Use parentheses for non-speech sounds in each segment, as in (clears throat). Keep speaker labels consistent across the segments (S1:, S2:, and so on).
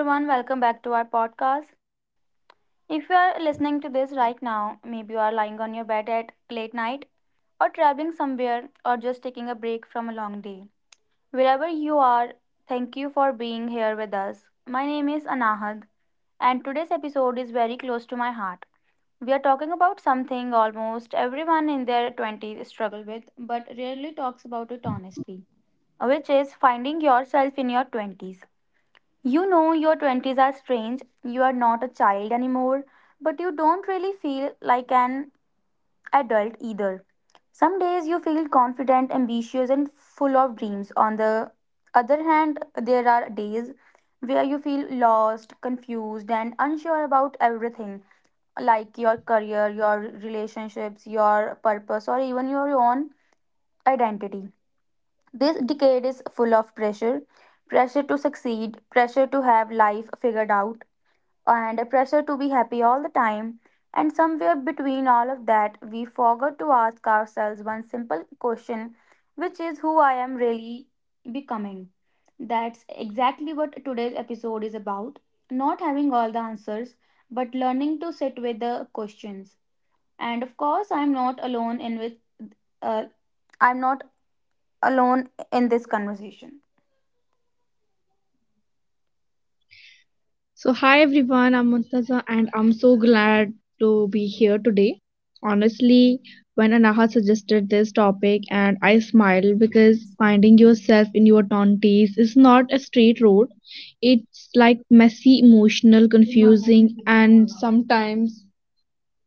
S1: Hi everyone, welcome back to our podcast. If you are listening to this right now, maybe you are lying on your bed at late night, or traveling somewhere, or just taking a break from a long day. Wherever you are, thank you for being here with us. My name is Anahad, and today's episode is very close to my heart. We are talking about something almost everyone in their 20s struggle with, but rarely talks about it honestly, which is finding yourself in your 20s. You know, your 20s are strange. You are not a child anymore, but you don't really feel like an adult either. Some days you feel confident, ambitious, and full of dreams. On the other hand, there are days where you feel lost, confused, and unsure about everything like your career, your relationships, your purpose, or even your own identity. This decade is full of pressure pressure to succeed, pressure to have life figured out, and a pressure to be happy all the time. And somewhere between all of that, we forgot to ask ourselves one simple question, which is who I am really becoming. That's exactly what today's episode is about. Not having all the answers, but learning to sit with the questions. And of course, I'm not alone in with uh, I'm not alone in this conversation.
S2: So, hi everyone, I'm Muntaza and I'm so glad to be here today. Honestly, when Anaha suggested this topic and I smiled because finding yourself in your 20s is not a straight road. It's like messy, emotional, confusing and sometimes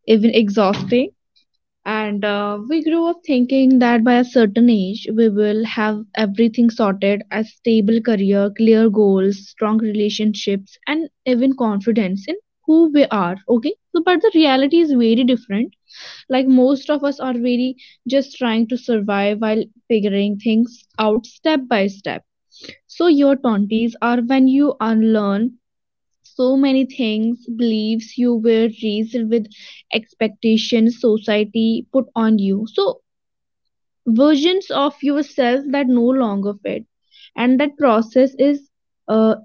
S2: even exhausting. And we grew up thinking that by a certain age, we will have everything sorted, a stable career, clear goals, strong relationships, and even confidence in who we are. Okay. So, but the reality is very different. Like, most of us are very just trying to survive while figuring things out step by step. So, your 20s are when you unlearn so many things, beliefs you were raised with, expectations society put on you, so versions of yourself that no longer fit, and that process is uh,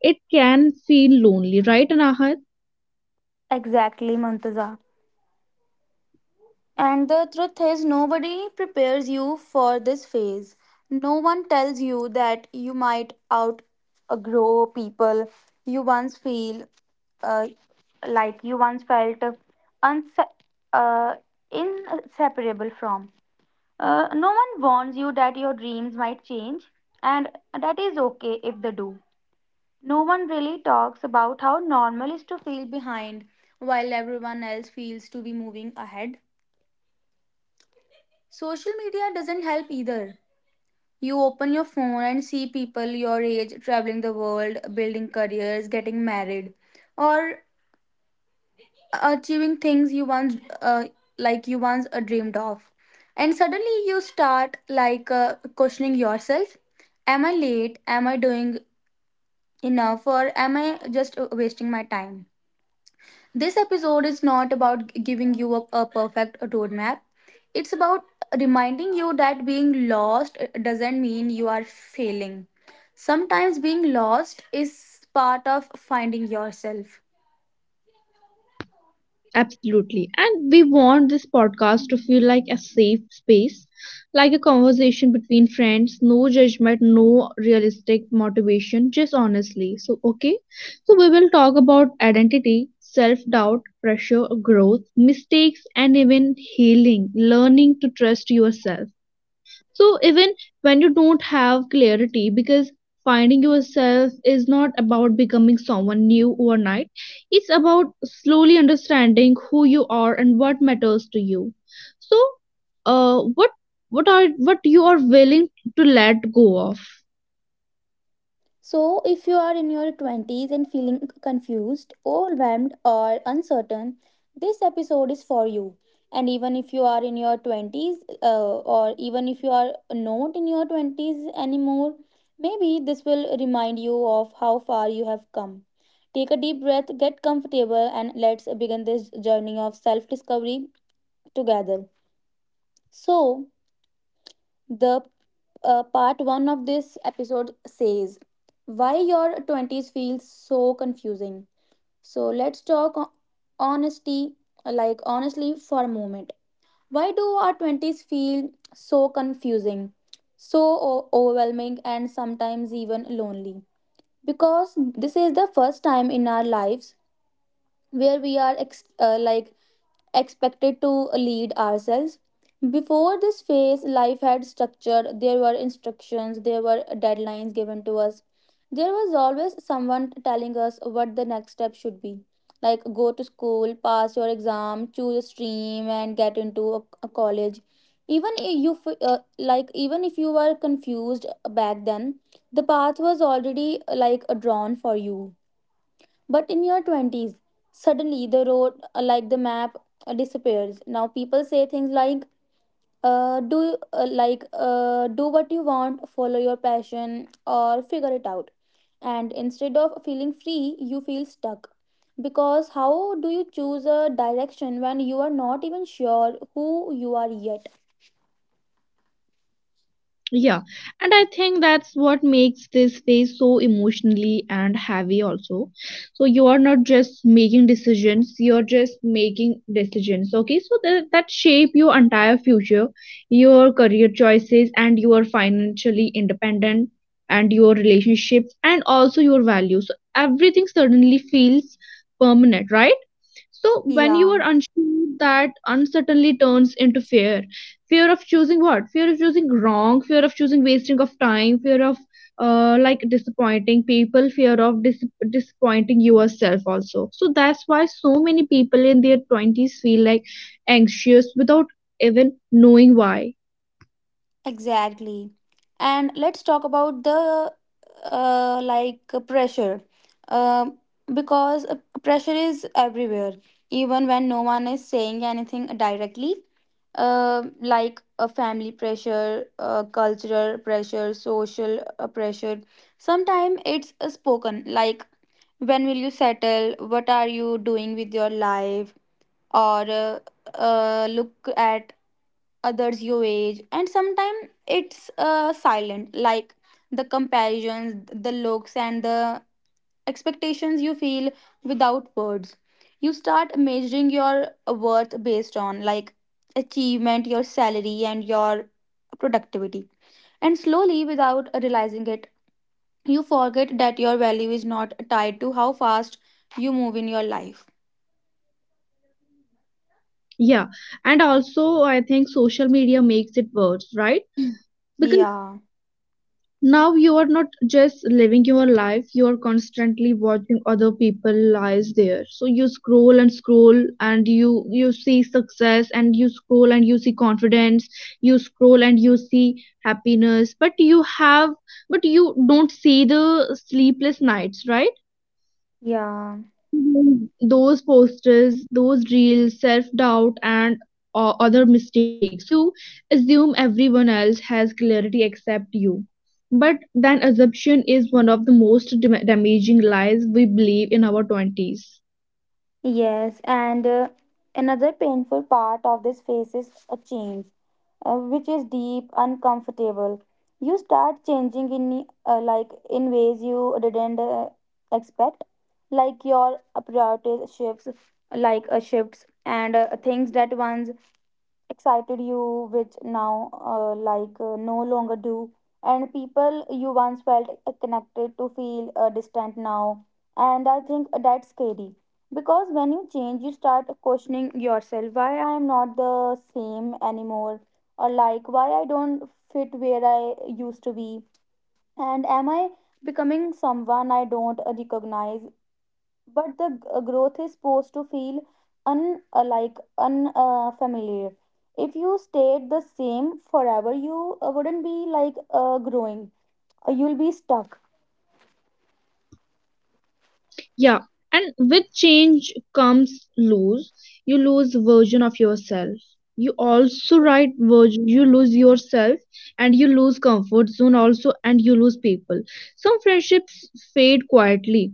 S2: it can feel lonely, right, anahat?
S1: Exactly, Mantaza. And the truth is, nobody prepares you for this phase. No one tells you that you might outgrow people you once feel uh, like you once felt unse- uh, inseparable from. No one warns you that your dreams might change, and that is okay if they do. No one really talks about how normal is to feel behind while everyone else feels to be moving ahead. Social media doesn't help either. You open your phone and see people your age traveling the world, building careers, getting married, or achieving things you once dreamed of. And suddenly you start questioning yourself, am I late? Am I doing enough or am I just wasting my time? This episode is not about giving you a perfect roadmap, it's about reminding you that being lost doesn't mean you are failing. Sometimes being lost is part of finding yourself.
S2: Absolutely. And we want this podcast to feel like a safe space, like a conversation between friends, no judgment, no realistic motivation, just honestly. So, okay. So, we will talk about identity, self doubt, pressure, growth, mistakes, and even healing, learning to trust yourself. So even when you don't have clarity, because finding yourself is not about becoming someone new overnight, it's about slowly understanding who you are and what matters to you. So, uh, what what are what you are willing to let go of?
S1: So, if you are in your 20s and feeling confused, overwhelmed, or uncertain, this episode is for you. And even if you are in your 20s, or even if you are not in your 20s anymore, maybe this will remind you of how far you have come. Take a deep breath, get comfortable, and let's begin this journey of self discovery together. So, the part one of this episode says why your 20s feels so confusing, so let's talk o- honesty like honestly for a moment. Why do our 20s feel so confusing, so overwhelming, and sometimes even lonely? Because this is the first time in our lives where we are expected to lead ourselves. Before this phase life had structure, there were instructions, there were deadlines given to us, there was always someone telling us what the next step should be, like go to school, pass your exam, choose a stream, and get into a college. Even if you even if you were confused back then, the path was already drawn for you. But in your 20s, suddenly the road, the map, disappears. Now people say things like, do what you want, follow your passion, or figure it out. And instead of feeling free, you feel stuck. Because how do you choose a direction when you are not even sure who you are yet?
S2: Yeah, and I think that's what makes this phase so emotionally and heavy also. So you are not just making decisions, you're just making decisions. Okay, so that shape your entire future, your career choices and your financially independent and your relationships and also your values. So everything suddenly feels permanent, right? So when you are
S1: Yeah.
S2: unsure, that uncertainty turns into fear. Fear of choosing what? Fear of choosing wrong. Fear of choosing wasting of time. Fear of disappointing people. Fear of disappointing yourself also. So that's why so many people in their twenties feel like anxious without even knowing why.
S1: Exactly. And let's talk about the pressure. Um because Pressure is everywhere, even when no one is saying anything directly. Like a family pressure, cultural pressure, social pressure. Sometimes it's spoken, like when will you settle? What are you doing with your life? Or Look at others your age. And sometimes it's silent, like the comparisons, the looks, and the expectations you feel without words. You start measuring your worth based on like achievement, your salary, and your productivity. And slowly without realizing it, you forget that your value is not tied to how fast you move in your life.
S2: Yeah, and also I think social media makes it worse, right?
S1: (clears throat)
S2: Because
S1: Yeah.
S2: now you are not just living your life, you are constantly watching other people lives there. So you scroll and scroll and you see success and you scroll and you see confidence, you scroll and you see happiness, but you have but you don't see the sleepless nights, right?
S1: Yeah.
S2: Those posters, those reels, self doubt, and other mistakes. So you assume everyone else has clarity except you. But then assumption is one of the most damaging lies we believe in our 20s.
S1: Yes, and another painful part of this phase is a change, which is deep, uncomfortable. You start changing in in ways you didn't expect, like your priorities shifts. And things that once excited you which now no longer do, and people you once felt connected to feel distant now. And I think that's scary, because when you change you start questioning yourself, why I am not the same anymore, or like why I don't fit where I used to be, and am I becoming someone I don't recognize? But the growth is supposed to feel unlike, unfamiliar. If you stayed the same forever, you wouldn't be growing. You'll be stuck.
S2: Yeah, and with change comes lose. You lose version of yourself. You also write version. You lose yourself, and you lose comfort zone also, and you lose people. Some friendships fade quietly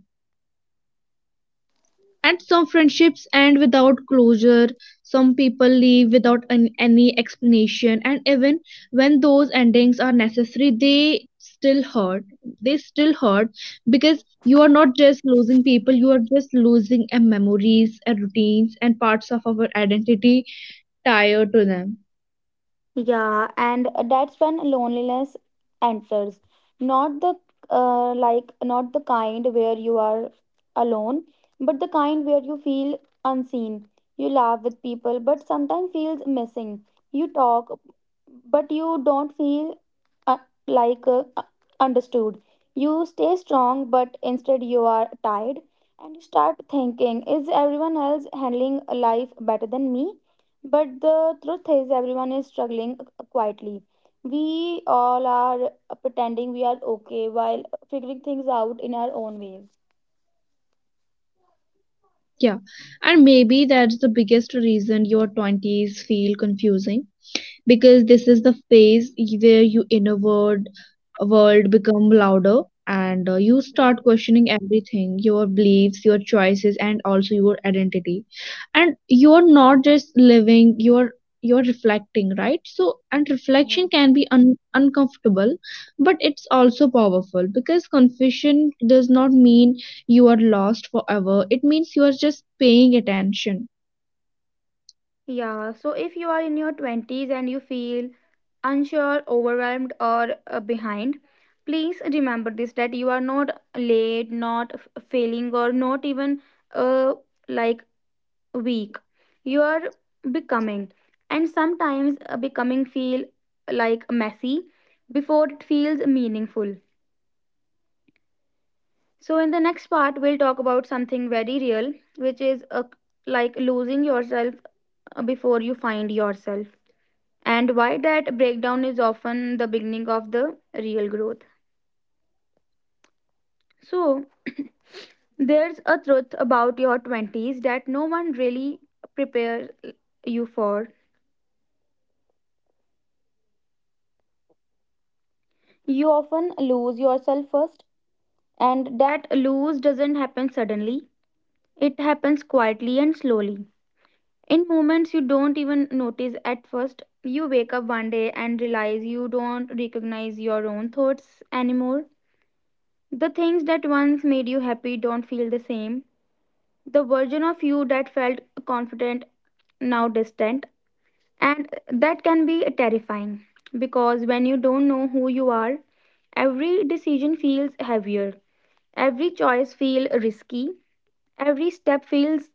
S2: and some friendships end without closure. Some people leave without any explanation. And even when those endings are necessary, they still hurt. They still hurt because you are not just losing people, you are just losing memories, and routines, and parts of our identity tied to them.
S1: Yeah, and that's when loneliness enters. Not the not the kind where you are alone, but the kind where you feel unseen. You laugh with people, but sometimes feels missing. You talk, but you don't feel uh, like uh, uh, understood. You stay strong, but instead you are tired, and you start thinking, is everyone else handling life better than me? But the truth is, everyone is struggling quietly. We all are pretending we are okay while figuring things out in our own ways.
S2: Yeah. And maybe that's the biggest reason your 20s feel confusing, because this is the phase where your inner world become louder, and you start questioning everything, your beliefs, your choices, and also your identity. And you're not just living, you're reflecting, right? So, and reflection can be uncomfortable, but it's also powerful, because confusion does not mean you are lost forever. It means you are just paying attention.
S1: Yeah, so if you are in your 20s and you feel unsure, overwhelmed, or behind, please remember this, that you are not late, not failing, or not even uh, like weak. You are becoming, and sometimes becoming feel like messy before it feels meaningful. So, in the next part, we'll talk about something very real, which is losing yourself before you find yourself, and why that breakdown is often the beginning of the real growth. So, (clears throat) there's a truth about your 20s that no one really prepares you for. You often lose yourself first, and that lose doesn't happen suddenly, it happens quietly and slowly. In moments you don't even notice at first, you wake up one day and realize you don't recognize your own thoughts anymore. The things that once made you happy don't feel the same. The version of you that felt confident now distant, and that can be terrifying, because when you don't know who you are, every decision feels heavier, every choice feels risky, every step feels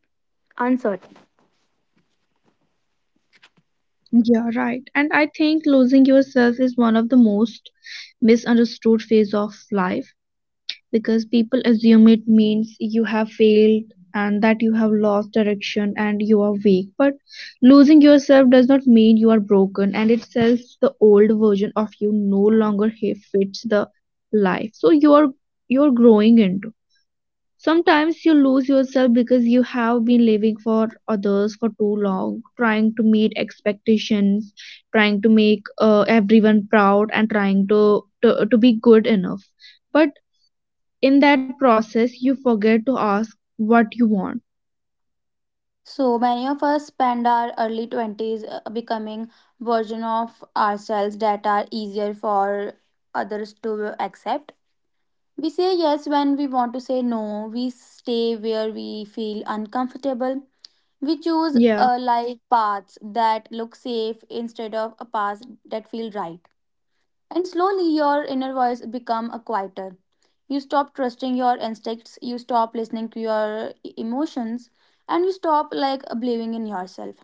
S1: uncertain.
S2: Yeah, right. And I think losing yourself is one of the most misunderstood phase of life, because people assume it means you have failed, and that you have lost direction, and you are weak. But losing yourself does not mean you are broken, and it says the old version of you no longer fits the life. So you're growing into. Sometimes you lose yourself because you have been living for others for too long, trying to meet expectations, trying to make everyone proud, and trying to be good enough. But in that process, you forget to ask what you want.
S1: So many of us spend our early 20s becoming version of ourselves that are easier for others to accept. We say yes when we want to say no. We stay where we feel uncomfortable. We choose
S2: Yeah.
S1: a life paths that look safe instead of a path that feel right. And slowly your inner voice become a quieter. You stop trusting your instincts, you stop listening to your emotions, and you stop like believing in yourself.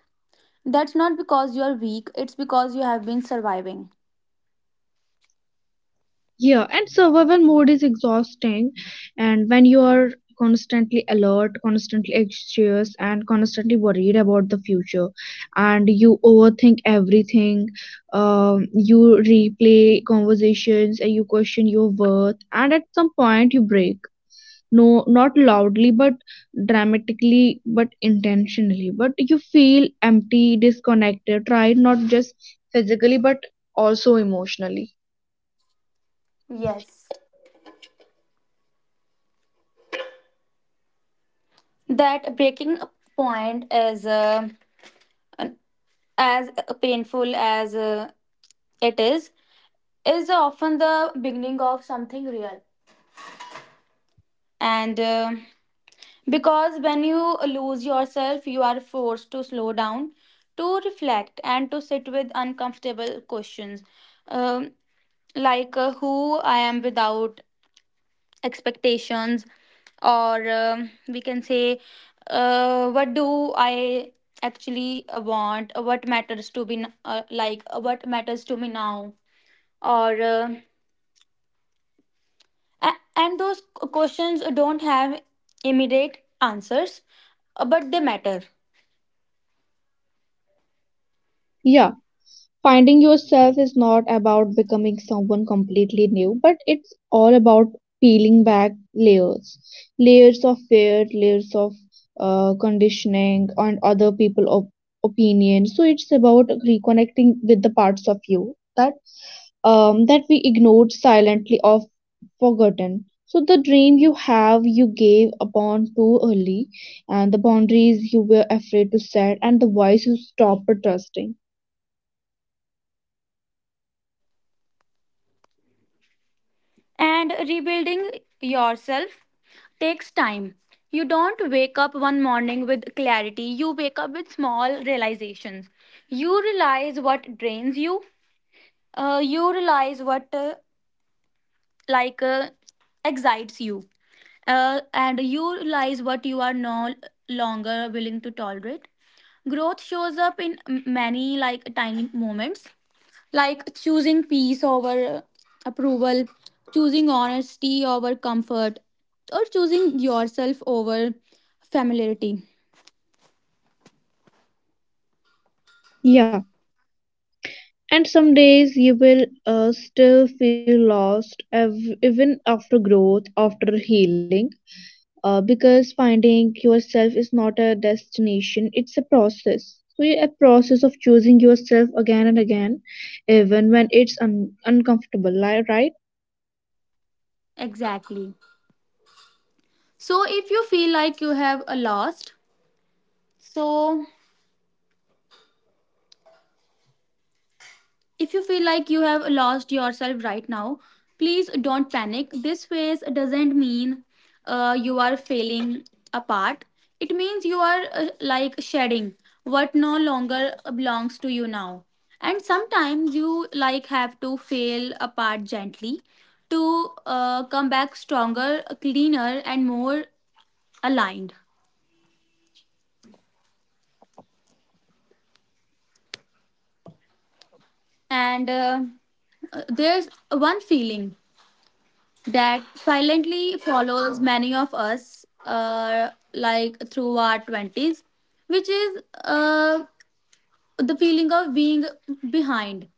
S1: That's not because you're weak, it's because you have been surviving.
S2: Yeah, and survival mode is exhausting, and when you are constantly alert, constantly anxious, and constantly worried about the future, and you overthink everything, you replay conversations, and you question your worth, and at some point you break. No, not loudly, but dramatically, but intentionally. But you feel empty, disconnected, tried not just physically, but also emotionally.
S1: Yes. That breaking point is, as painful as it is often the beginning of something real. And Because when you lose yourself, you are forced to slow down, to reflect, and to sit with uncomfortable questions. Um, who I am without expectations, or we can say, what do I actually want? What matters to be n- like? What matters to me now? or uh, and those questions don't have immediate answers, but they matter.
S2: Yeah. Finding yourself is not about becoming someone completely new, but it's all about peeling back layers of fear, layers of conditioning, and other people opinion. So it's about reconnecting with the parts of you that we ignored silently or forgotten. So the dream you have, you gave upon too early, and the boundaries you were afraid to set, and the voice you stopped trusting.
S1: And rebuilding yourself takes time. You don't wake up one morning with clarity, you wake up with small realizations. You realize what drains you, you realize what like uh, excites you, and you realize what you are no longer willing to tolerate. Growth shows up in many like tiny moments, like choosing peace over approval, choosing honesty over comfort, or choosing yourself over familiarity.
S2: Yeah. And some days you will still feel lost, even after growth, after healing, because finding yourself is not a destination, it's a process. So, yeah, a process of choosing yourself again and again, even when it's uncomfortable, right?
S1: Exactly. So if you feel like you have a lost so if you feel like you have lost yourself right now, please don't panic. This phase doesn't mean you are failing apart. It means you are shedding what no longer belongs to you now. And sometimes you like have to fail apart gently to come back stronger, cleaner, and more aligned. And There's one feeling that silently follows many of us through our 20s, which is the feeling of being behind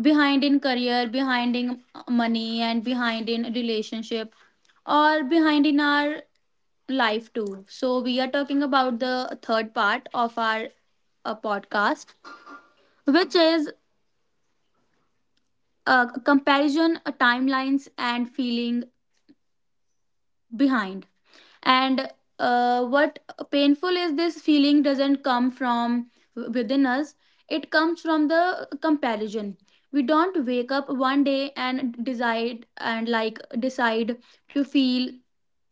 S1: behind in career, behind in money, and behind in relationship, or behind in our life too. So we are talking about the third part of our podcast, which is comparison, timelines, and feeling behind. And uh, what painful is, this feeling doesn't come from within us, it comes from the comparison. We don't wake up one day and decide and like decide to feel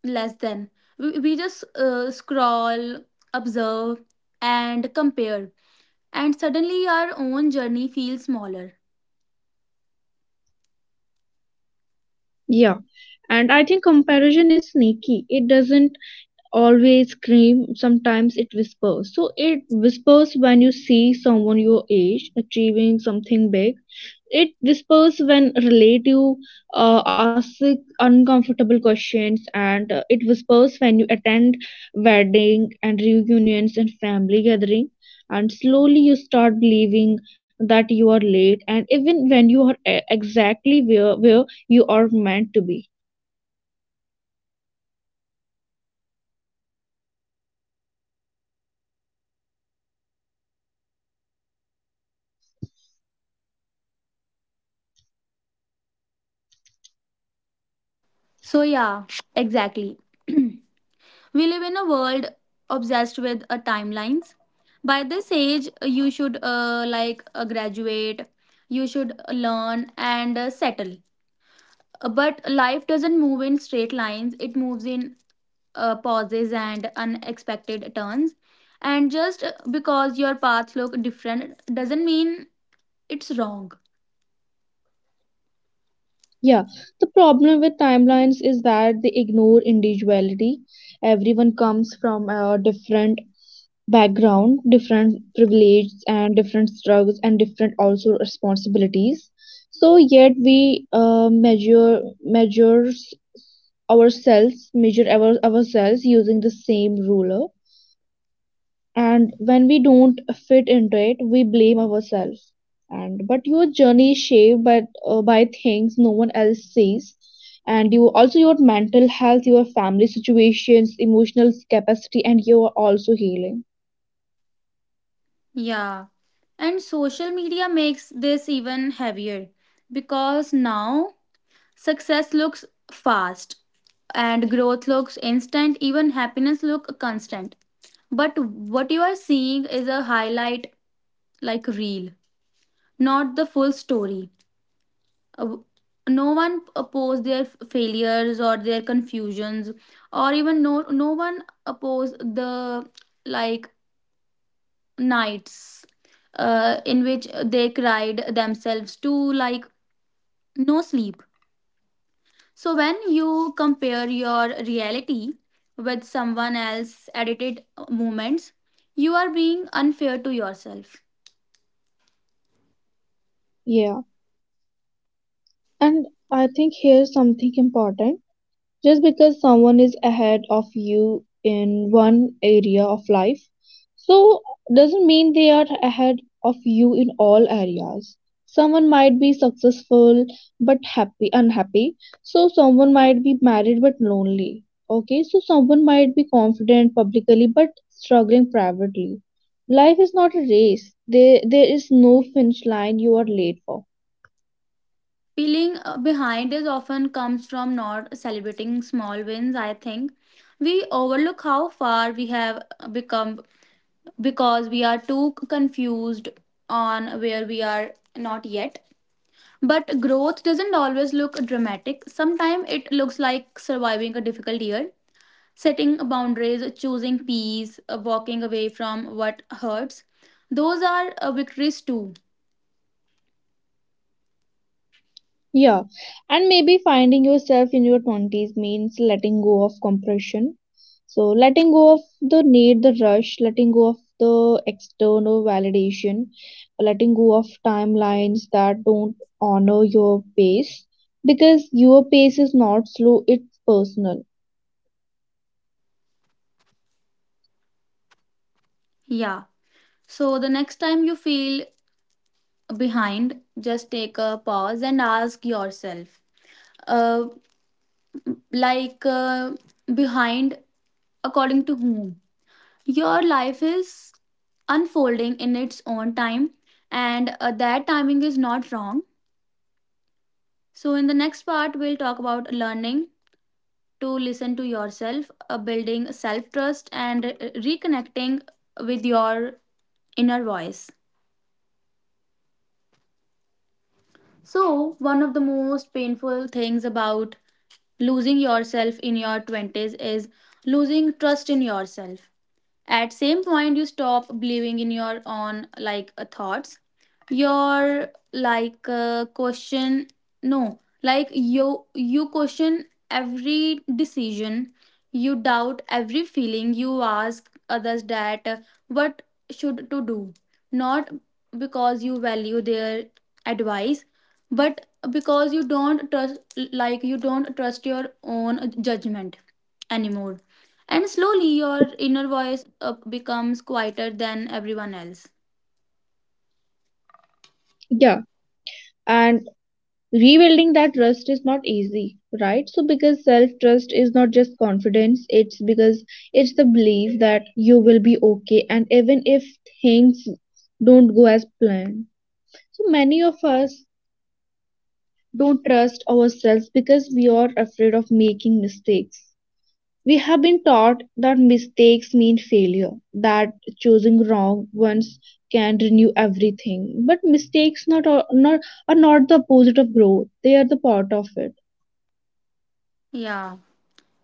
S1: less than. We just scroll, observe, and compare, and suddenly our own journey feels smaller.
S2: Yeah. And I think comparison is sneaky. It doesn't always scream, sometimes it whispers. So, it whispers when you see someone your age achieving something big. It whispers when relative asks uncomfortable questions, and it whispers when you attend wedding and reunions and family gathering. And slowly you start believing that you are late, and even when you are exactly where you are meant to be.
S1: So yeah, exactly. (clears throat) We live in a world obsessed with timelines. By this age, you should graduate, you should learn and settle. But life doesn't move in straight lines, it moves in pauses and unexpected turns. And just because your paths look different doesn't mean it's wrong.
S2: Yeah, the problem with timelines is that they ignore individuality. Everyone comes from a different background, different privileges and different struggles and different also responsibilities. So yet we measures ourselves using the same ruler. And when we don't fit into it, we blame ourselves. And but your journey is shaped by things no one else sees, and you also your mental health, your family situations, emotional capacity, and you are also healing.
S1: Yeah. And social media makes this even heavier, because now success looks fast and growth looks instant, even happiness look constant. But what you are seeing is a highlight like reel, not the full story. Uh, No one oppose their failures or their confusions, or even no no one oppose the like nights in which they cried themselves to like no sleep. So when you compare your reality with someone else's edited moments, you are being unfair to yourself.
S2: Yeah. And I think here's something important. Just because someone is ahead of you in one area of life, so doesn't mean they are ahead of you in all areas. Someone might be successful but happy unhappy. So someone might be married but lonely. Okay, so someone might be confident publicly but struggling privately. Life is not a race. There is no finish line you are late for.
S1: Feeling behind is often comes from not celebrating small wins, I think. We overlook how far we have become, because we are too confused on where we are not yet. But growth doesn't always look dramatic. Sometimes it looks like surviving a difficult year, setting boundaries, choosing peace, walking away from what hurts. Those are victories too.
S2: Yeah, and maybe finding yourself in your 20s means letting go of compression. So, letting go of the need, the rush, letting go of the external validation, letting go of timelines that don't honor your pace, because your pace is not slow, it's personal.
S1: Yeah. So the next time you feel behind, just take a pause and ask yourself, uh, like, uh, behind according to whom? Your life is unfolding in its own time, and that timing is not wrong. So in the next part, we'll talk about learning to listen to yourself, building self trust, and reconnecting with your inner voice. So, one of the most painful things about losing yourself in your 20s is losing trust in yourself. At same point you stop believing in your own thoughts. Your like question no, like you question every decision, you doubt every feeling, you ask others that what should to do, not because you value their advice, but because you don't trust your own judgment anymore. And slowly your inner voice becomes quieter than everyone else.
S2: Yeah, and rebuilding that trust is not easy, right? So because self trust is not just confidence, it's because it's the belief that you will be okay, and even if things don't go as planned. So many of us don't trust ourselves because we are afraid of making mistakes. We have been taught that mistakes mean failure, that choosing wrong ones can renew everything, but mistakes not, are- not are not the opposite of growth, they are the part of it.
S1: Yeah.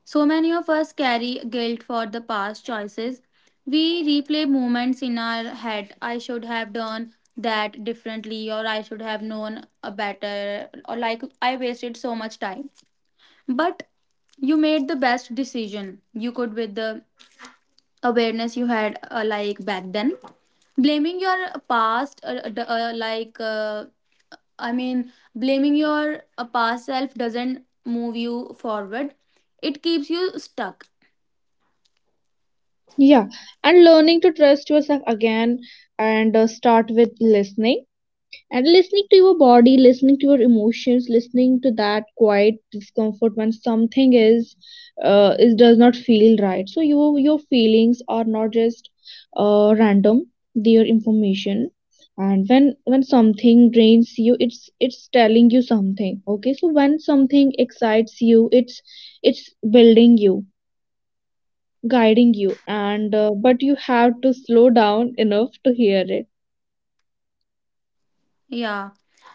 S1: So many of us carry guilt for the past choices. We replay moments in our head. I should have done that differently, or I should have known a better, or I wasted so much time. But you made the best decision you could with the awareness you had, back then. Blaming your past, d- like I mean, blaming your past self doesn't move you forward. It keeps you stuck.
S2: Yeah, and learning to trust yourself again and start with listening, and listening to your body, listening to your emotions, listening to that quiet discomfort when something is does not feel right. So your feelings are not just random; they are information. And when something drains you, it's telling you something. Okay, so when something excites you, it's it's building you, guiding you, and but you have to slow down enough to hear it.
S1: Yeah.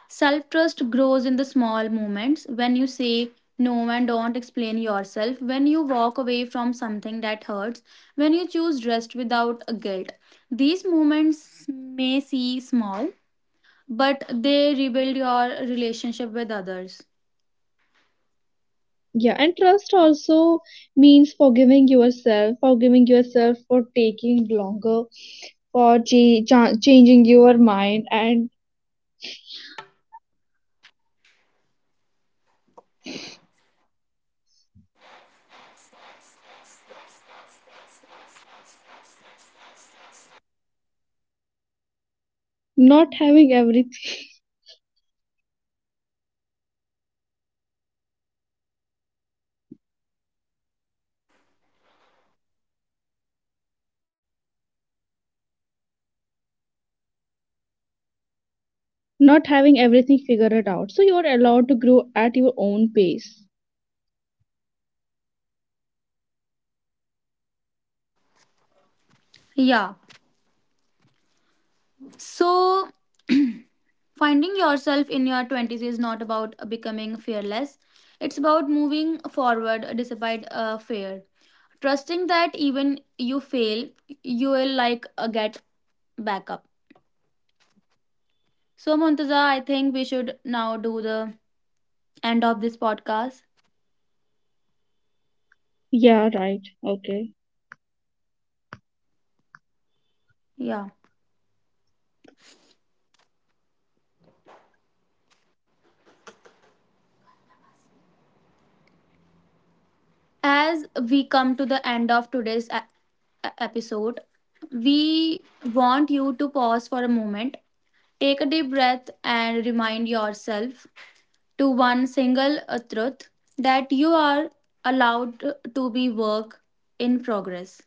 S1: Self trust grows in the small moments when you say no and don't explain yourself, when you walk away from something that hurts, when you choose rest without a guilt. These moments may seem small, but they rebuild your relationship with others.
S2: Yeah, and trust also means forgiving yourself, forgiving yourself for taking longer, for changing your mind, and not having everything (laughs) not having everything figured out, so you're allowed to grow at your own pace.
S1: Yeah. So, (clears throat) finding yourself in your 20s is not about becoming fearless, it's about moving forward despite fear. Trusting that even you fail, you will get back up. So, Montaza, I think we should now do the end of this podcast.
S2: Yeah, right, okay.
S1: Yeah. As we come to the end of today's episode, we want you to pause for a moment, take a deep breath, and remind yourself to one single truth, that you are allowed to be work in progress.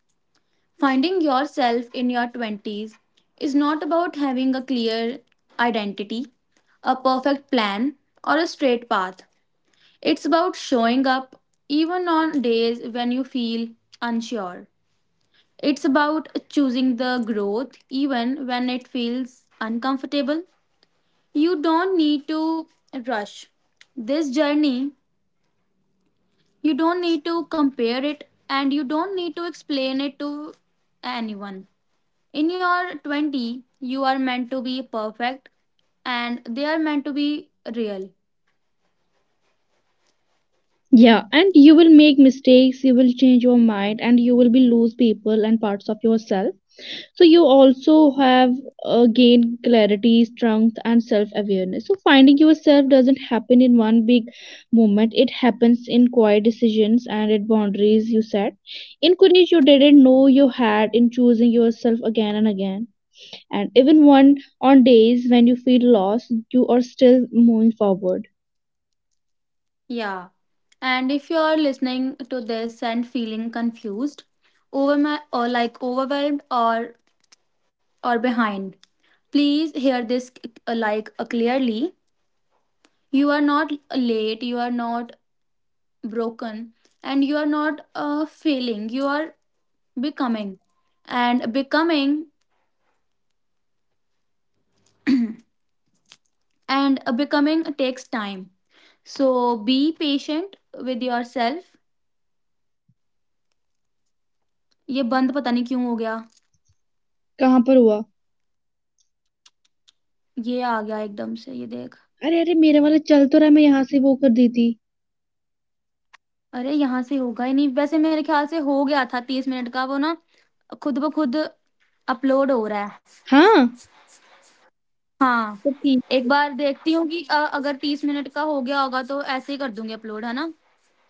S1: Finding yourself in your 20s is not about having a clear identity, a perfect plan, or a straight path. It's about showing up even on days when you feel unsure. It's about choosing the growth even when it feels uncomfortable. You don't need to rush this journey, you don't need to compare it, and you don't need to explain it to anyone. In your 20, you are meant to be perfect and they are meant to be real.
S2: Yeah, and you will make mistakes, you will change your mind, and you will be lose people and parts of yourself. So you also have gained clarity, strength, and self-awareness. So finding yourself doesn't happen in one big moment. It happens in quiet decisions, and at boundaries you set. In courage you didn't know you had, in choosing yourself again and again. And even when on days when you feel lost, you are still moving forward.
S1: Yeah. And if you are listening to this and feeling confused, overwhelmed, or behind, please hear this clearly. You are not late, you are not broken, and you are not failing. You are becoming.
S2: कहाँ पर हुआ? अरे मेरे वाला चल तो रहा है, मैं यहाँ से वो कर दी थी. हाँ, तो ठीक.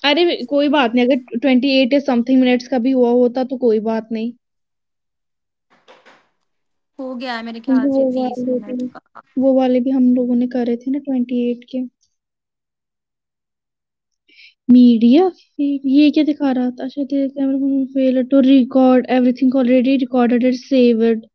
S2: अरे वे कोई बात नहीं, अगर 28 या समथिंग मिनट्स का भी हुआ होता तो कोई बात नहीं, क्योंकि वो वाले भी हम लोगों ने करे थे ना 28 के। मीडिया फीड ये क्या दिखा रहा था? अच्छा, camera fail to record everything already recorded and saved